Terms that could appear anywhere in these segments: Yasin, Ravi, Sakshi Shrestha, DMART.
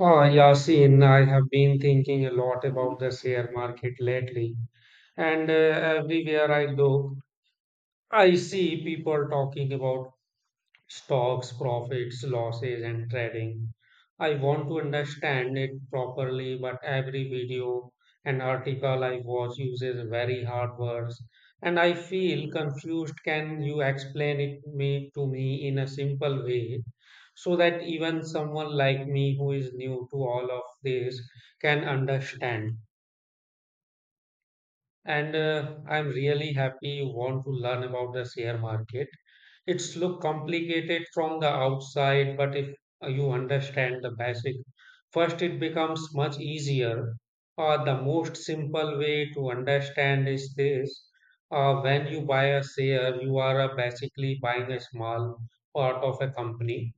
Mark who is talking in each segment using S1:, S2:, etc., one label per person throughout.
S1: Ah, Yasin, I have been thinking a lot
S2: Mhm.
S1: about the share market lately, and everywhere I look, I see people talking about stocks, profits, losses, and trading. I want to understand it properly, but every video and article I watch uses very hard words and I feel confused. Can you explain it me to me in a simple way so that even someone like me who is new to all of this can understand? And I'm really happy you want to learn about the share market. It's look complicated from the outside, but if you understand the basic, first it becomes much easier. The most simple way to understand is this. When you buy a share, you are basically buying a small part of a company.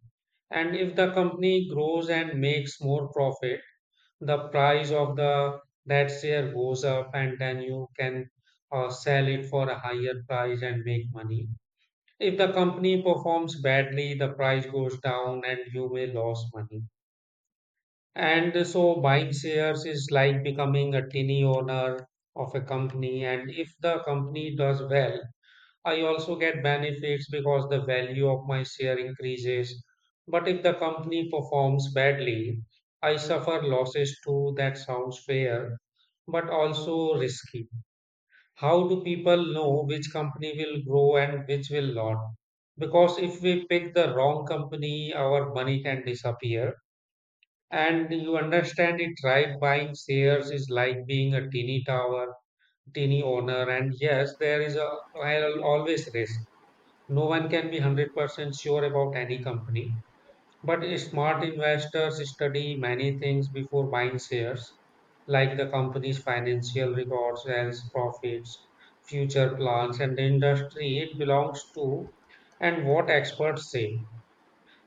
S1: And if the company grows and makes more profit, the price of the that share goes up, and then you can sell it for a higher price and make money if the company performs badly, the price goes down and you may lose money. And so buying shares is like becoming a tiny owner of a company. And if the company does well, I also get benefits because the value of my share increases. But if the company performs badly, I suffer losses too. That sounds fair, but also risky. How do people know which company will grow and which will not? Because if we pick the wrong company, our money can disappear. And you understand it right, buying shares is like being a teeny owner. And yes, there is a I'll always risk. No one can be 100% sure about any company. But smart investors study many things before buying shares, like the company's financial records, sales profits, future plans, and the industry it belongs to, and what experts say.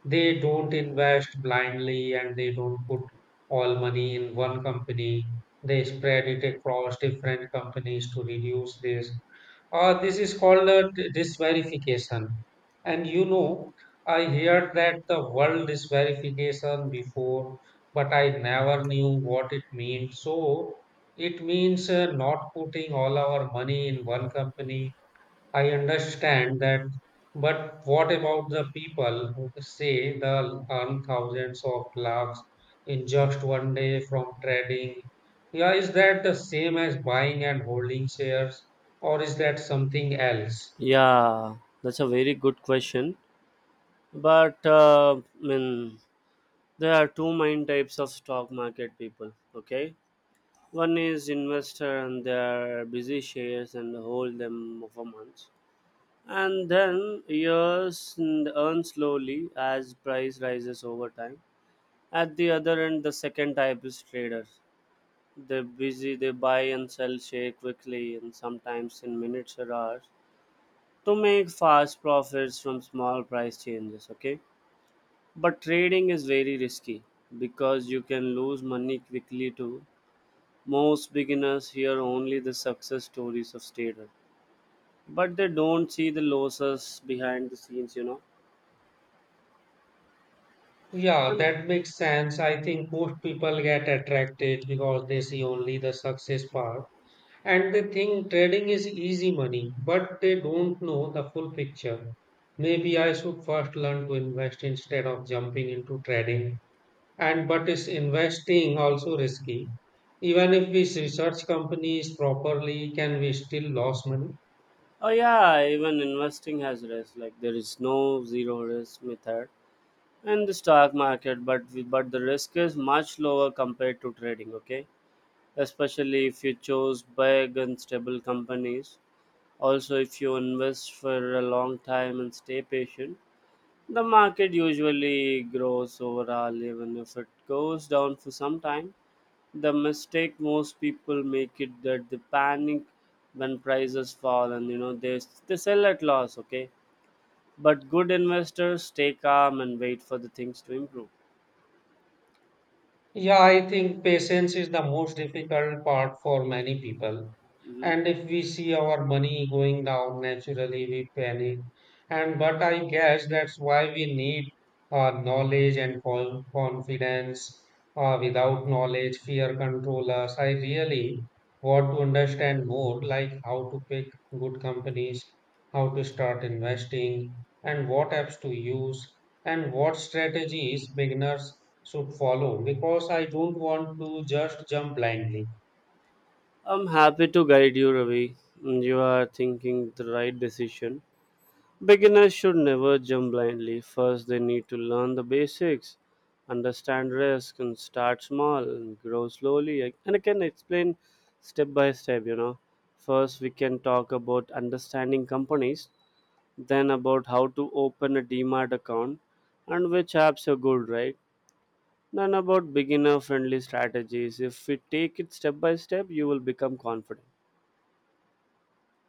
S1: They don't invest blindly and they don't put all money in one company. They spread it across different companies to reduce risk. This is called disverification. And you know, I heard that the word disverification before, but I never knew what it meant. So it means not putting all our money in one company. I understand that, but what about the people who say they earn thousands of lakhs in just one day from trading? Yeah, is that the same as buying and holding shares, or is that something else?
S2: Yeah, that's a very good question. But there are two main types of stock market people. Okay, one is investor and they are busy shares and hold them for months, and then years and earn slowly as price rises over time. At the other end, the second type is traders. They're busy. They buy and sell share quickly and sometimes in minutes or hours to make fast profits from small price changes, okay, but trading is very risky because you can lose money quickly too. Most beginners hear only the success stories of traders, but they don't see the losses behind the scenes.
S1: Yeah,
S2: And
S1: that makes sense. I think most people get attracted because they see only the success part. And they think trading is easy money, but they don't know the full picture. Maybe I should first learn to invest instead of jumping into trading. And but is investing also risky? Even if we research companies properly, can we still lose money?
S2: oh yeah, even investing has risk. Like, there is no zero risk method in the stock market, but the risk is much lower compared to trading, okay, especially if you choose big and stable companies. Also, if you invest for a long time and stay patient, the market usually grows overall, even if it goes down for some time. The mistake most people make it that they panic when prices fall and they sell at loss, okay? But good investors stay calm and wait for the things to improve.
S1: Yeah, I think patience is the most difficult part for many people.
S2: Mhm.
S1: And if we see our money going down, naturally we panic. And but I guess that's why we need knowledge and confidence. Without knowledge, fear control us. I really want to understand more, like how to pick good companies, how to start investing, and what apps to use and what strategies beginners should follow because I don't want to just jump blindly.
S2: I'm happy to guide you, Ravi. You are thinking the right decision. Beginners should never jump blindly. First, they need to learn the basics, understand risk, and start small and grow slowly. And I can explain step by step, you know. First, we can talk about understanding companies, then about how to open a DMART account and which apps are good, right? Then about beginner friendly strategies. If we take it step by step, you will become confident.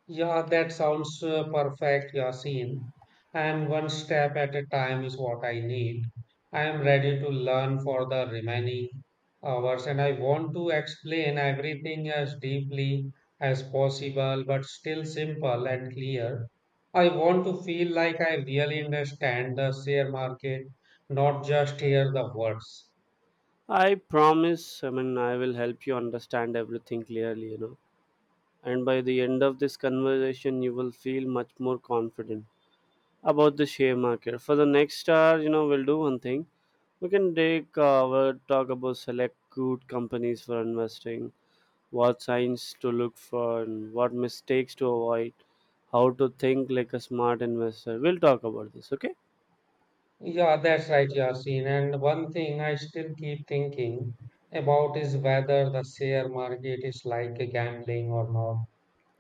S1: Yeah, that sounds perfect, Yasin. And one step at a time is what I need. I am ready to learn for the remaining hours and I want to explain everything as deeply as possible, but still simple and clear. I want to feel like I really understand the share market, not just hear the words.
S2: I promise, I will help you understand everything clearly, you know. And by the end of this conversation, you will feel much more confident about the share market. For the next hour, you know, we'll do one thing. We can take We'll talk about select good companies for investing, what signs to look for, and what mistakes to avoid, how to think like a smart investor. We'll talk about this, okay?
S1: Yeah, that's right, Yasin. And one thing I still keep thinking about is whether the share market is like a gambling or not.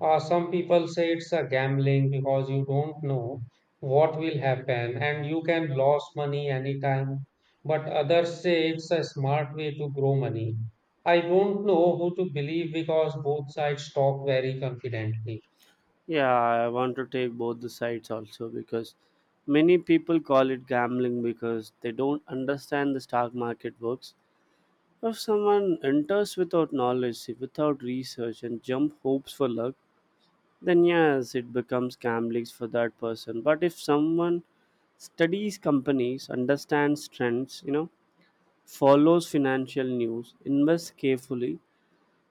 S1: Some people say it's a gambling because you don't know what will happen and you can lose money anytime. But others say it's a smart way to grow money. I don't know who to believe because both sides talk very confidently.
S2: Yeah, I want to take both the sides also because many people call it gambling because they don't understand the stock market works. If someone enters without knowledge, without research, and jump hopes for luck, then yes, it becomes gambling for that person. But if someone studies companies, understands trends, you know, follows financial news, invests carefully,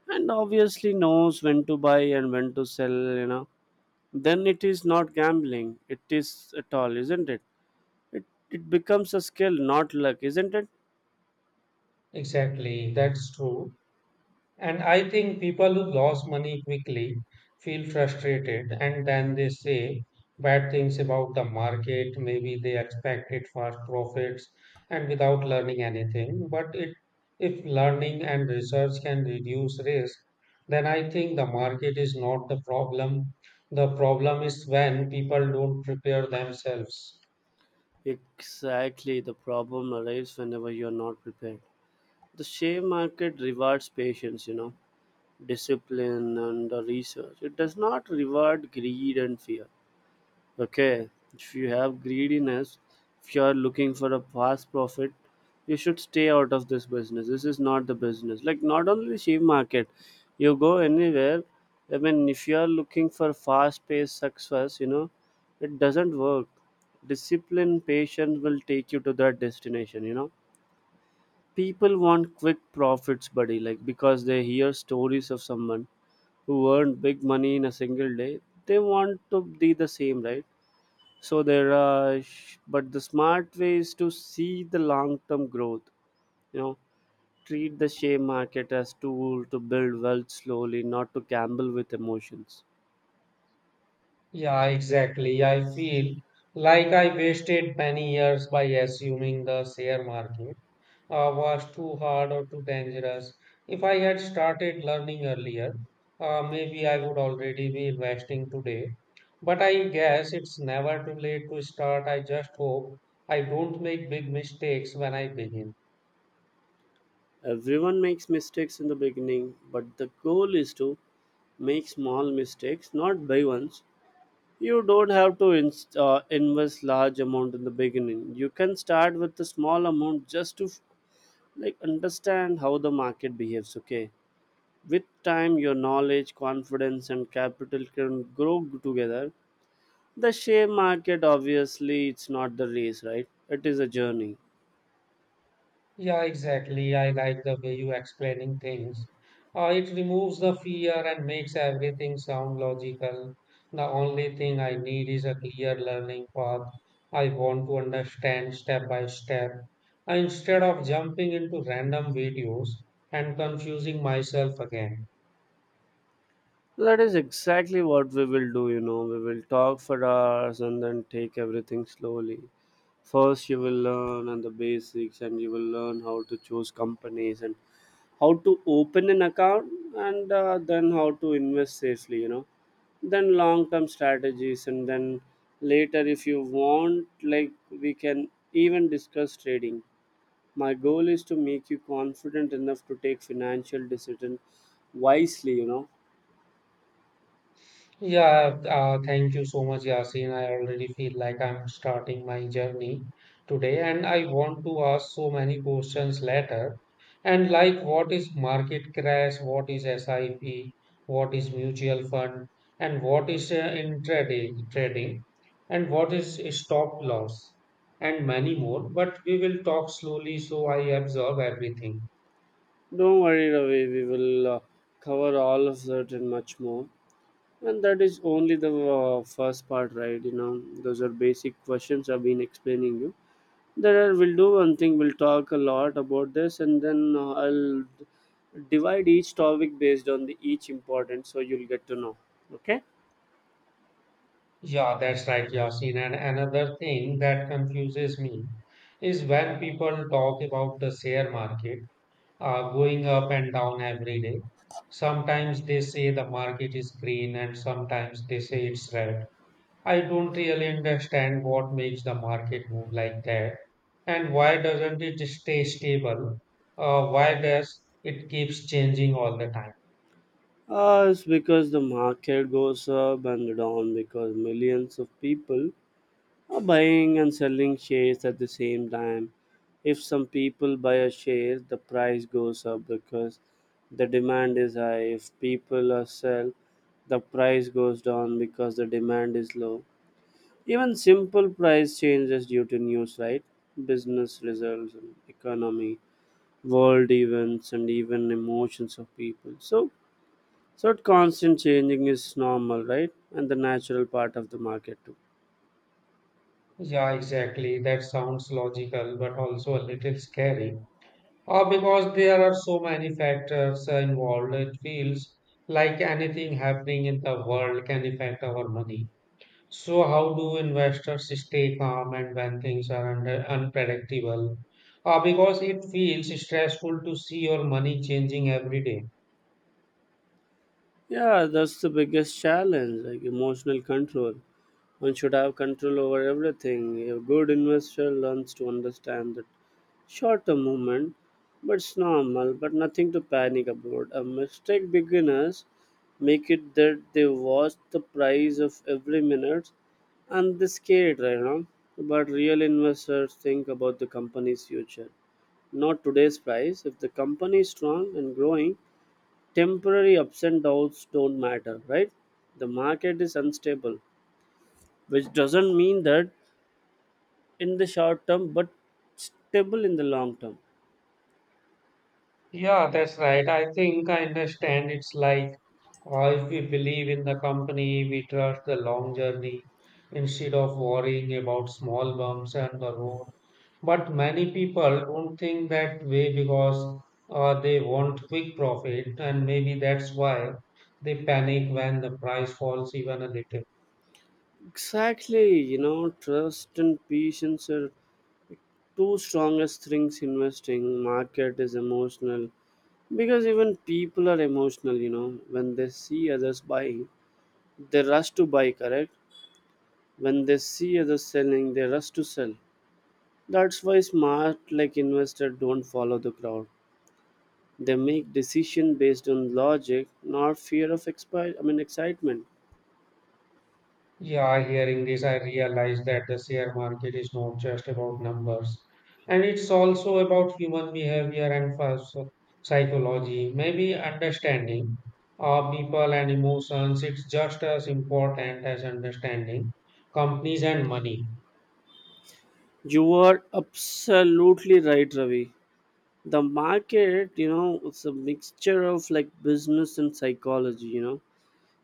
S2: and obviously knows when to buy and when to sell, you know, then it is not gambling. It is at all, isn't it? It it becomes a skill, not luck, isn't it?
S1: Exactly, that's true. And I think people who lose money quickly feel frustrated and then they say bad things about the market. Maybe they expected fast profits and without learning anything. But it, if learning and research can reduce risk, then I think the market is not the problem. The problem is when people don't prepare themselves.
S2: Exactly. The problem arrives whenever you're not prepared. The share market rewards patience, you know, discipline and research. It does not reward greed and fear. Okay, if you have greediness, if you are looking for a fast profit, you should stay out of this business. This is not the business. Like, not only the share market, you go anywhere. I mean, if you are looking for fast-paced success, you know, it doesn't work. Discipline, patience will take you to that destination. You know, people want quick profits, buddy, like because they hear stories of someone who earned big money in a single day. They want to be the same, right? So they rush. But the smart way is to see the long term growth, you know. Treat the share market as tool to build wealth slowly, not to gamble with emotions.
S1: Yeah, exactly. I feel like I wasted many years by assuming the share market was too hard or too dangerous. If I had started learning earlier, maybe I would already be investing today. But I guess it's never too late to start. I just hope I don't make big mistakes when I begin.
S2: Everyone makes mistakes in the beginning, but the goal is to make small mistakes, not big ones. You don't have to inst invest large amount in the beginning. You can start with a small amount just to like understand how the market behaves. Okay, with time, your knowledge, confidence, and capital can grow together. The share market, obviously, it's not the race, right? It is a journey.
S1: Yeah, exactly. I like the way you explaining things. It removes the fear and makes everything sound logical. The only thing I need is a clear learning path. I want to understand step by step instead of jumping into random videos and confusing myself again.
S2: That is exactly what we will do. You know, we will talk for hours and then take everything slowly. First, you will learn on the basics, and you will learn how to choose companies and how to open an account and then how to invest safely, you know, then long term strategies, and then later if you want, like, we can even discuss trading. My goal is to make you confident enough to take financial decision wisely, you know.
S1: Yeah, thank you so much, Yasin. I already feel like I'm starting my journey today, and I want to ask so many questions later. And like, what is market crash? What is SIP? What is mutual fund? And what is intraday trading? And what is stop loss? And many more. But we will talk slowly so I absorb everything.
S2: Don't worry, Ravi, we will cover all of that and much more. And that is only the first part, right, you know. Those are basic questions I've been explaining you. We'll do one thing. We'll talk a lot about this, and then I'll divide each topic based on the each important, so you'll get to know. Okay.
S1: Yeah, that's right, Yasin. And another thing that confuses me is when people talk about the share market going up and down every day. Sometimes they say the market is green and sometimes they say it's red. I don't really understand what makes the market move like that and why doesn't it stay stable? Why does it keeps changing all the time?
S2: It's because the market goes up and down because millions of people are buying and selling shares at the same time. If some people buy a share, the price goes up because the demand is high. If people are sell, the price goes down because the demand is low. Even simple price changes due to news, right? Business results, and economy, world events, and even emotions of people. So constant changing is normal, right? And the natural part of the market too.
S1: Yeah, exactly. That sounds logical, but also a little scary. Or because there are so many factors involved, it feels like anything happening in the world can affect our money. So, how do investors stay calm and when things are under unpredictable? Because it feels stressful to see your money changing every day.
S2: Yeah, that's the biggest challenge, like emotional control. One should have control over everything. A good investor learns to understand the shorter movement, but it's normal, but nothing to panic about. A mistake beginners make it that they watch the price of every minute and they scared, you know. But real investors think about the company's future, not today's price. If the company is strong and growing, temporary ups and downs don't matter, right? The market is unstable, which doesn't mean that in the short term, but stable in the long term.
S1: Yeah, that's right. I think I understand. It's like if we believe in the company, we trust the long journey instead of worrying about small bumps and the road. But many people don't think that way because they want quick profit, and maybe that's why they panic when the price falls even a little.
S2: Exactly, you know, trust and patience are two strongest things investing. Market is emotional because even people are emotional, you know. When they see others buying, they rush to buy, correct? When they see others selling, they rush to sell. That's why smart like investor don't follow the crowd. They make decision based on logic, not fear of excitement.
S1: Yeah, hearing this, I realize that the share market is not just about numbers, and it's also about human behavior and psychology. Maybe understanding people and emotions, it's just as important as understanding companies and money.
S2: You are absolutely right, Ravi. The market, you know, it's a mixture of like business and psychology, you know.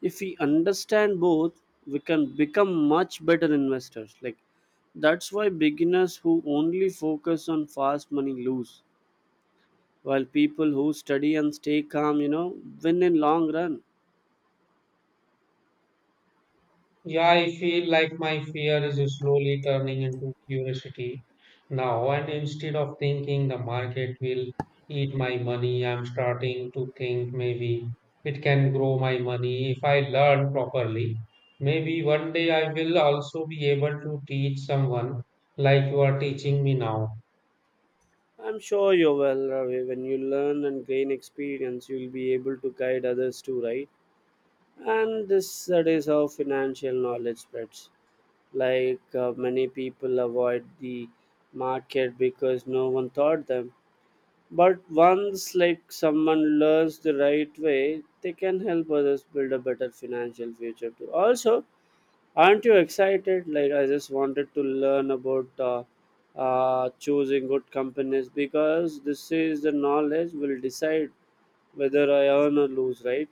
S2: If we understand both, we can become much better investors. Like, that's why beginners who only focus on fast money lose, while people who study and stay calm, you know, win in long run.
S1: Yeah, I feel like my fear is slowly turning into curiosity now. And instead of thinking the market will eat my money, I'm starting to think maybe it can grow my money if I learn properly. Maybe one day I will also be able to teach someone like you are teaching me now.
S2: I'm sure you will, Ravi. When you learn and gain experience, you'll be able to guide others too, right? And this that is how financial knowledge spreads. Like, many people avoid the market because no one taught them, but once, like, someone learns the right way, they can help others build a better financial future too also. Aren't you excited? Like, I just wanted to learn about choosing good companies because this is the knowledge will decide whether I earn or lose, right?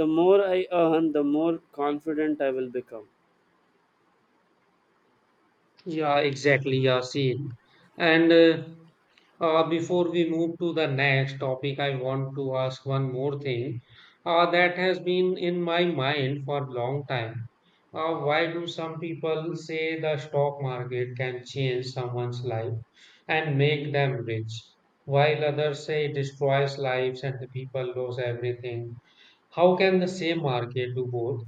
S2: The more I earn, the more confident I will become.
S1: Yeah, exactly, Yasin. And Before we move to the next topic, I want to ask one more thing that has been in my mind for a long time. Why do some people say the stock market can change someone's life and make them rich, while others say it destroys lives and the people lose everything? How can the same market do both?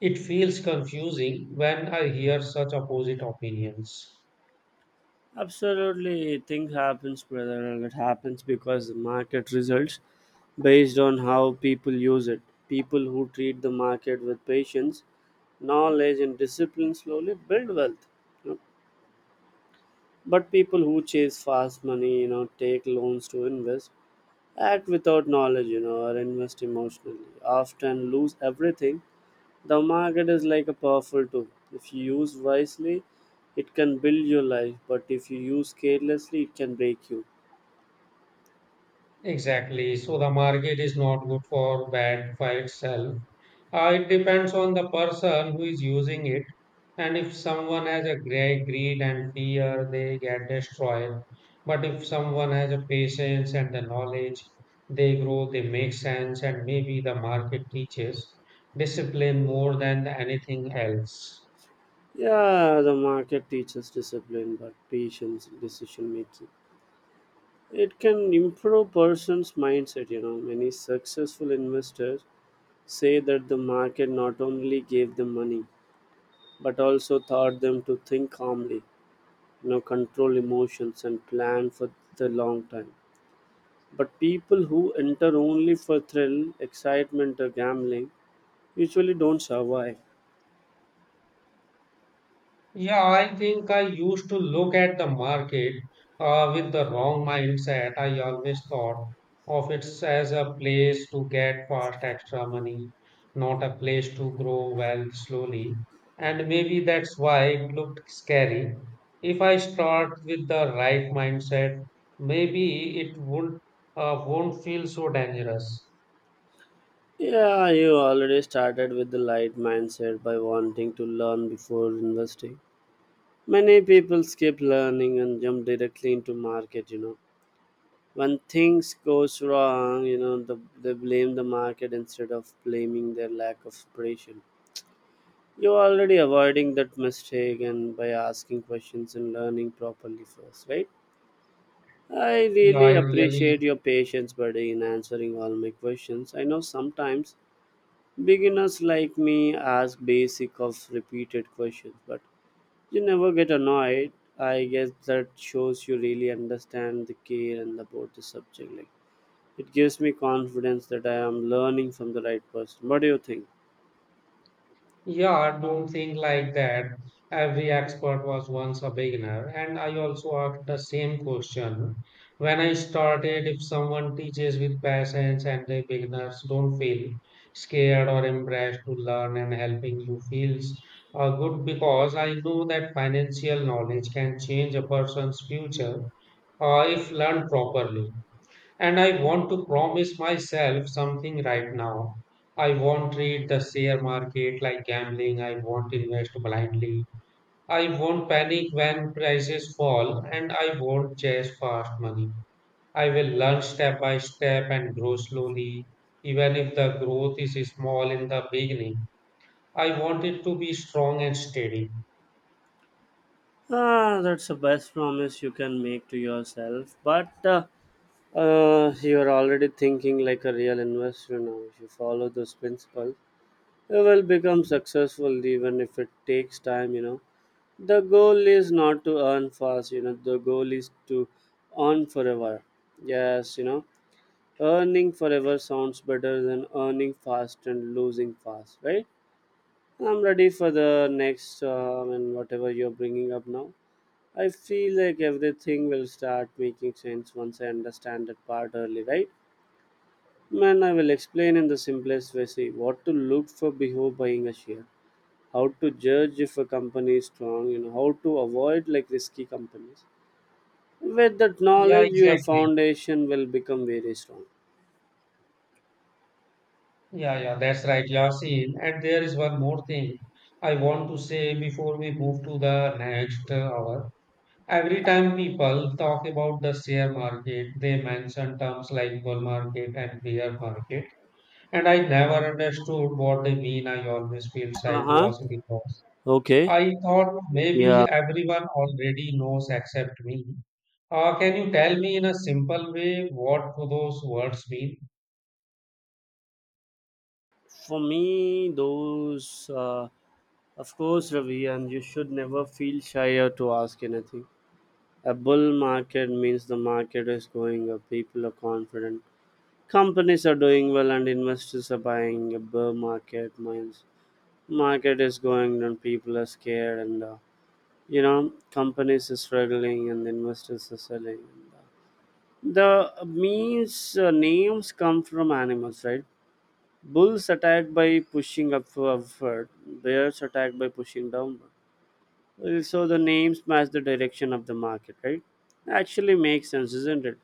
S1: It feels confusing when I hear such opposite opinions.
S2: Absolutely, thing happens, brother, and it happens because the market results based on how people use it. People who treat the market with patience, knowledge, and discipline slowly build wealth, you know. But people who chase fast money, you know, take loans to invest, act without knowledge, you know, or invest emotionally, often lose everything. The market is like a powerful tool. If you use wisely, it can build your life, but if you use carelessly, it can break you.
S1: Exactly. So the market is not good for bad by itself. It depends on the person who is using it. And if someone has a great greed and fear, they get destroyed. But if someone has a patience and the knowledge, they grow, they make sense, and maybe the market teaches discipline more than anything else.
S2: Yeah, the market teaches discipline, but patience, in decision making. It can improve person's mindset. You know, many successful investors say that the market not only gave them money, but also taught them to think calmly, you know, control emotions, and plan for the long time. But people who enter only for thrill, excitement, or gambling usually don't survive.
S1: Yeah, I think I used to look at the market with the wrong mindset. I always thought of it as a place to get fast extra money, not a place to grow wealth slowly. And maybe that's why it looked scary. If I start with the right mindset, maybe it won't feel so dangerous.
S2: Yeah, you already started with the light mindset by wanting to learn before investing. Many people skip learning and jump directly into market, you know. When things goes wrong, you know, they blame the market instead of blaming their lack of preparation. You're already avoiding that mistake and by asking questions and learning properly first, right? I
S1: Yeah,
S2: really
S1: I really
S2: appreciate your patience, buddy, in answering all my questions. I know sometimes beginners like me ask basic of repeated questions, but you never get annoyed. I guess that shows you really understand the care and about the subject. Like, it gives me confidence that I am learning from the right person. What do you think?
S1: Yeah, don't think like that. Every expert was once a beginner, and I also asked the same question. When I started, if someone teaches with patience and the beginners don't feel scared or embarrassed to learn and helping you feels good because I know that financial knowledge can change a person's future if learned properly. And I want to promise myself something right now. I won't treat the share market like gambling. I won't invest blindly. I won't panic when prices fall and I won't chase fast money. I will learn step by step and grow slowly. Even if the growth is small in the beginning, I want it to be strong and steady.
S2: Ah, that's the best promise you can make to yourself. But you are already thinking like a real investor now. If you follow those principles, you will become successful even if it takes time. The goal is not to earn fast. The goal is to earn forever. Yes. Earning forever sounds better than earning fast and losing fast, right? I'm ready for the next and whatever you're bringing up now. I feel like everything will start making sense once I understand that part early, right, man? I will explain in the simplest way, see, what to look for before buying a share, how to judge if a company is strong, how to avoid like risky companies. With that
S1: Yeah,
S2: knowledge your
S1: exactly.
S2: foundation will become very strong.
S1: Yeah, yeah, that's right, Yasin. And there is one more thing I want to say before we move to the next hour. Every time people talk about the share market, they mention terms like bull market and bear market. And I never understood what they mean. I always feel shy to
S2: Uh-huh.
S1: ask because
S2: Okay.
S1: I thought
S2: Yeah.
S1: maybe everyone already knows except me. Can you tell me in a simple way what those words mean?
S2: For me those of course, Ravi, and you should never feel shy or to ask anything. A bull market means the market is going up, people are confident, companies are doing well, and investors are buying. A bear market means market is going down, people are scared, and companies are struggling and investors are selling. The memes, names come from animals, right? Bulls attacked by pushing up upward, bears attacked by pushing downward. So the names match the direction of the market, right? Actually makes sense, isn't it?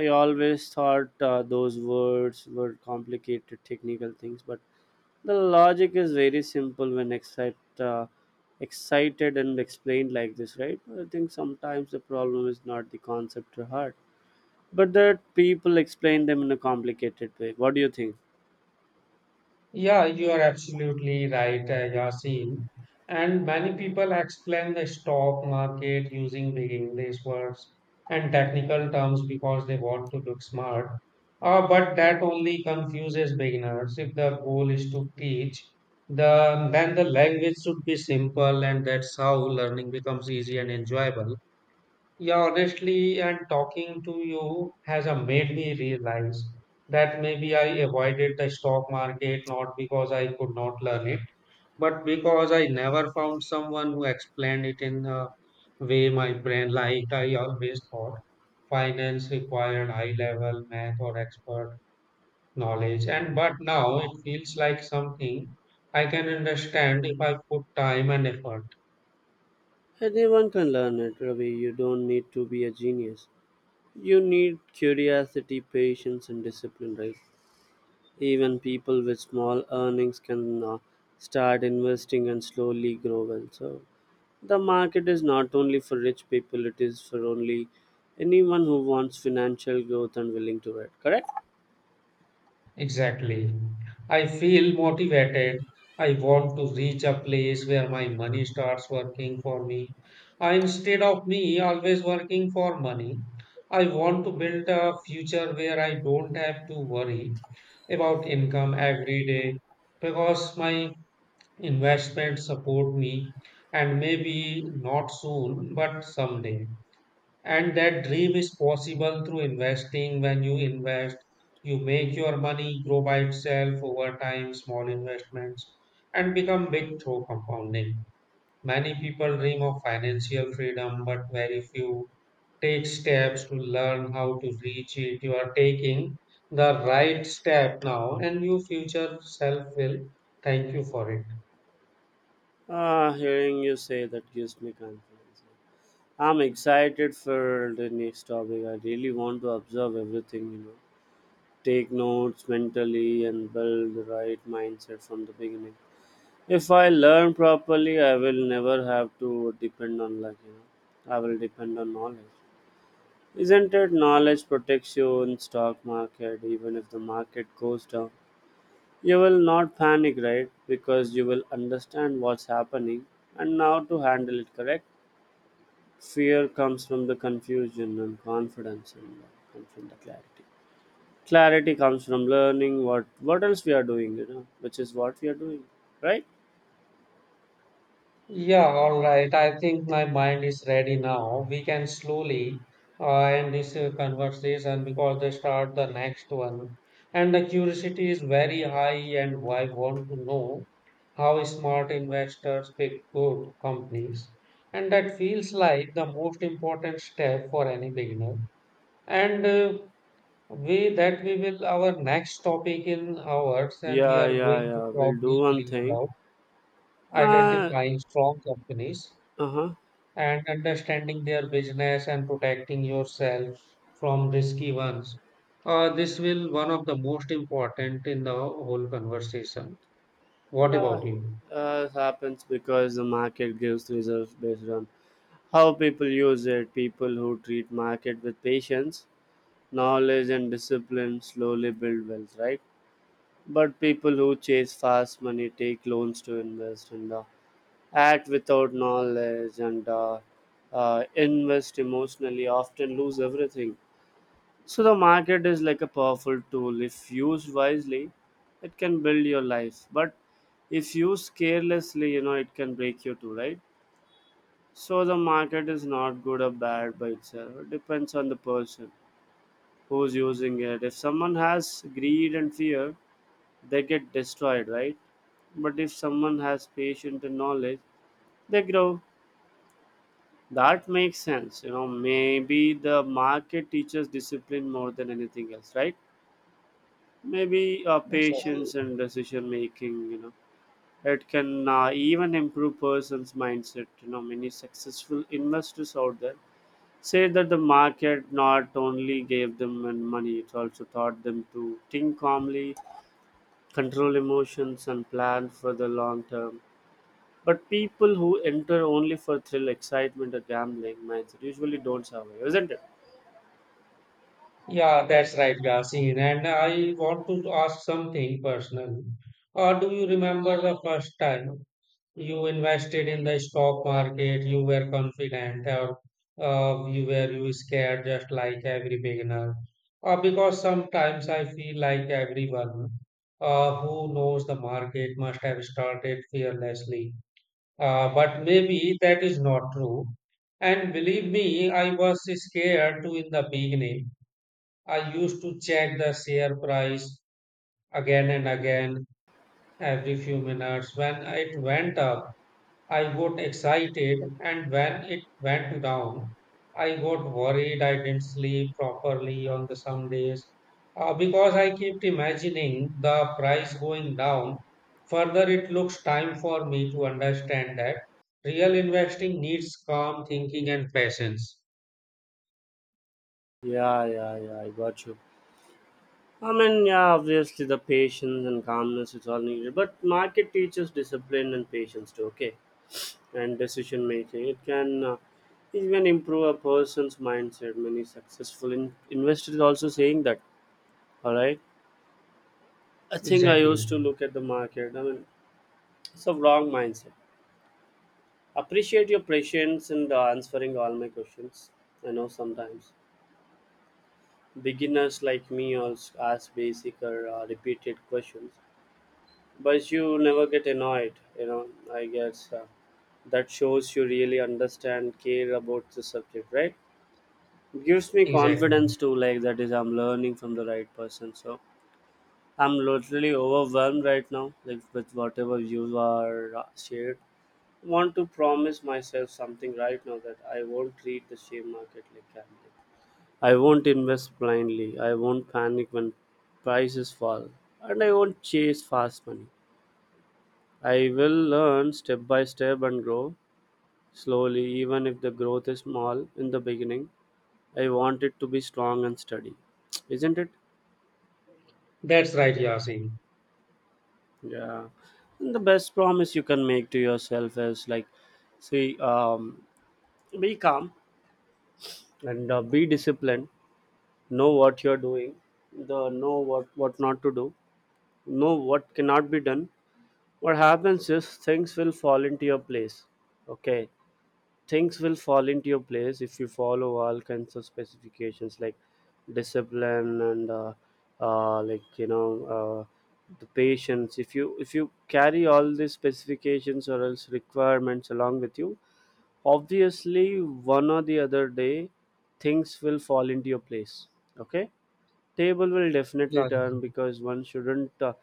S2: I always thought those words were complicated technical things, but the logic is very simple. When excited and explained like this, right? I think sometimes the problem is not the concept to heart, but that people explain them in a complicated way. What do you think?
S1: Yeah, you are absolutely right, Yasin. And many people explain the stock market using big English words and technical terms because they want to look smart. But that only confuses beginners. If the goal is to teach, then the language should be simple, and that's how learning becomes easy and enjoyable. Yeah, honestly, and talking to you has made me realize that maybe I avoided the stock market not because I could not learn it, but because I never found someone who explained it in a way my brain liked. I always thought finance required high level math or expert knowledge, and but now it feels like something I can understand if I put time and effort.
S2: Anyone can learn it, Ravi. You don't need to be a genius. You need curiosity, patience, and discipline, right? Even people with small earnings can start investing and slowly grow well. So the market is not only for rich people; it is for only anyone who wants financial growth and willing to wait. Correct?
S1: Exactly. I feel motivated. I want to reach a place where my money starts working for me. I, instead of me always working for money, I want to build a future where I don't have to worry about income every day because my investments support me and maybe not soon, but someday. And that dream is possible through investing. When you invest, you make your money grow by itself over time, small investments, and become big through compounding. Many people dream of financial freedom, but very few take steps to learn how to reach it. You are taking the right step now, and your future self will thank you for it.
S2: Ah, hearing you say that gives me confidence. I'm excited for the next topic. I really want to observe everything, you know, take notes mentally and build the right mindset from the beginning. If I learn properly, I will never have to depend on luck. You know, I will depend on knowledge. Isn't it? Knowledge protects you in stock market. Even if the market goes down, you will not panic, right? Because you will understand what's happening and how to handle it. Correct. Fear comes from the confusion and confidence, and comes from the clarity. Clarity comes from learning what else we are doing. You know, which is what we are doing, right?
S1: Yeah, all right. I think my mind is ready now. We can slowly end this conversation because they start the next one. And the curiosity is very high, and I want to know how smart investors pick good companies. And that feels like the most important step for any beginner. And we will our next topic in hours, and we
S2: Yeah,
S1: are
S2: yeah,
S1: going to
S2: yeah.
S1: talk
S2: We'll do one
S1: deeply
S2: thing.
S1: about
S2: Uh,
S1: identifying strong companies
S2: uh-huh.
S1: and understanding their business and protecting yourself from risky ones. This will one of the most important in the whole conversation. What
S2: Yeah,
S1: about you?
S2: it happens because the market gives results based on how people use it. People who treat market with patience, knowledge, and discipline slowly build wealth, right? But people who chase fast money, take loans to invest, and act without knowledge and invest emotionally often lose everything. So the market is like a powerful tool. If used wisely, it can build your life. But if used carelessly, you know, it can break you too, right? So the market is not good or bad by itself. It depends on the person who's using it. If someone has greed and fear, they get destroyed, right? But if someone has patience and knowledge, they grow. That makes sense. You know, maybe the market teaches discipline more than anything else, right? Maybe
S1: Exactly.
S2: patience and decision making, you know, it can even improve person's mindset. You know, many successful investors out there say that the market not only gave them and money, it also taught them to think calmly, control emotions, and plan for the long term. But people who enter only for thrill, excitement, or gambling, minds usually don't survive, isn't it?
S1: Yeah, that's right, Yasin. And I want to ask something personal. Do you remember the first time you invested in the stock market, you were confident, or you were you scared just like every beginner. Because sometimes I feel like everyone who knows the market must have started fearlessly. But maybe that is not true. And believe me, I was scared too in the beginning. I used to check the share price again and again every few minutes when it went up. I got excited, and when it went down, I got worried I didn't sleep properly on the some days because I kept imagining the price going down. Further, it looks time for me to understand that real investing needs calm thinking and patience.
S2: Yeah, yeah, yeah. I got you. I mean, yeah, obviously the patience and calmness is all needed, but market teaches discipline and patience too, okay? And decision making. It can even improve a person's mindset. Many successful investors also saying that, all right? I think I
S1: Exactly.
S2: used to look at the market. I mean, it's a wrong mindset. Appreciate your patience in answering all my questions. I know sometimes beginners like me also ask basic or repeated questions, but you never get annoyed, you know. I guess that shows you really understand care about the subject, right? Gives me
S1: Exactly.
S2: confidence too, like that is I'm learning from the right person. So I'm literally overwhelmed right now, like with whatever you are shared. Want to promise myself something right now, that I won't treat the share market like gambling. I won't invest blindly, I won't panic when prices fall, and I won't chase fast money. I will learn step by step and grow slowly, even if the growth is small in the beginning. I want it to be strong and steady, isn't it?
S1: That's right, Yasin.
S2: Yeah. And the best promise you can make to yourself is like, see, be calm and be disciplined. Know what you're doing. The know what not to do. Know what cannot be done. What happens is things will fall into your place. Okay, things will fall into your place if you follow all kinds of specifications like discipline and like the patience. If you carry all these specifications or else requirements along with you, obviously one or the other day things will fall into your place. Okay. Table will definitely
S1: Yeah.
S2: turn because one shouldn't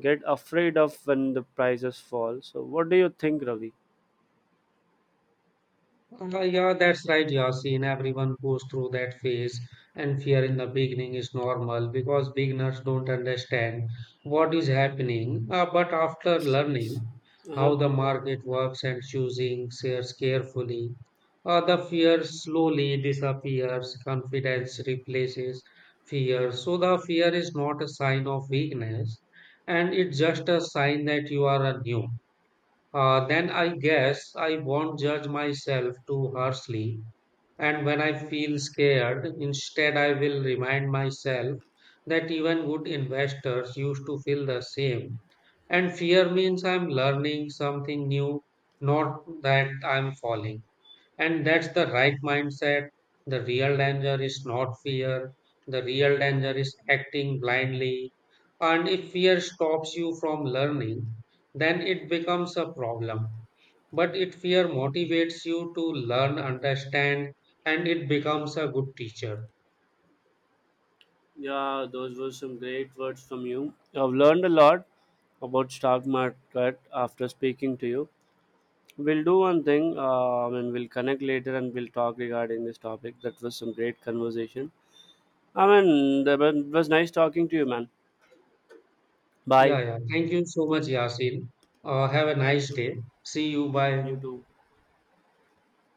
S2: get afraid of when the prices fall. So what do you think, Ravi?
S1: Yeah, that's right, Yasin. Everyone goes through that phase, and fear in the beginning is normal because beginners don't understand what is happening. But after learning
S2: Uh huh.
S1: how the market works and choosing shares carefully, the fear slowly disappears, confidence replaces fear. So, the fear is not a sign of weakness, and it's just a sign that you are a new. Then I guess I won't judge myself too harshly. And when I feel scared, instead I will remind myself that even good investors used to feel the same. And fear means I'm learning something new, not that I'm falling. And that's the right mindset. The real danger is not fear. The real danger is acting blindly. And if fear stops you from learning, then it becomes a problem. But if fear motivates you to learn, understand, and it becomes a good teacher.
S2: Yeah, those were some great words from you. I've learned a lot about stock market after speaking to you. We'll do one thing, and we'll connect later and we'll talk regarding this topic. That was some great conversation. I mean, it was nice talking to you, man.
S1: Yeah,
S2: Bye.
S1: yeah. Thank you so much, Yasin. Have a nice day. See you. Bye.
S2: You too.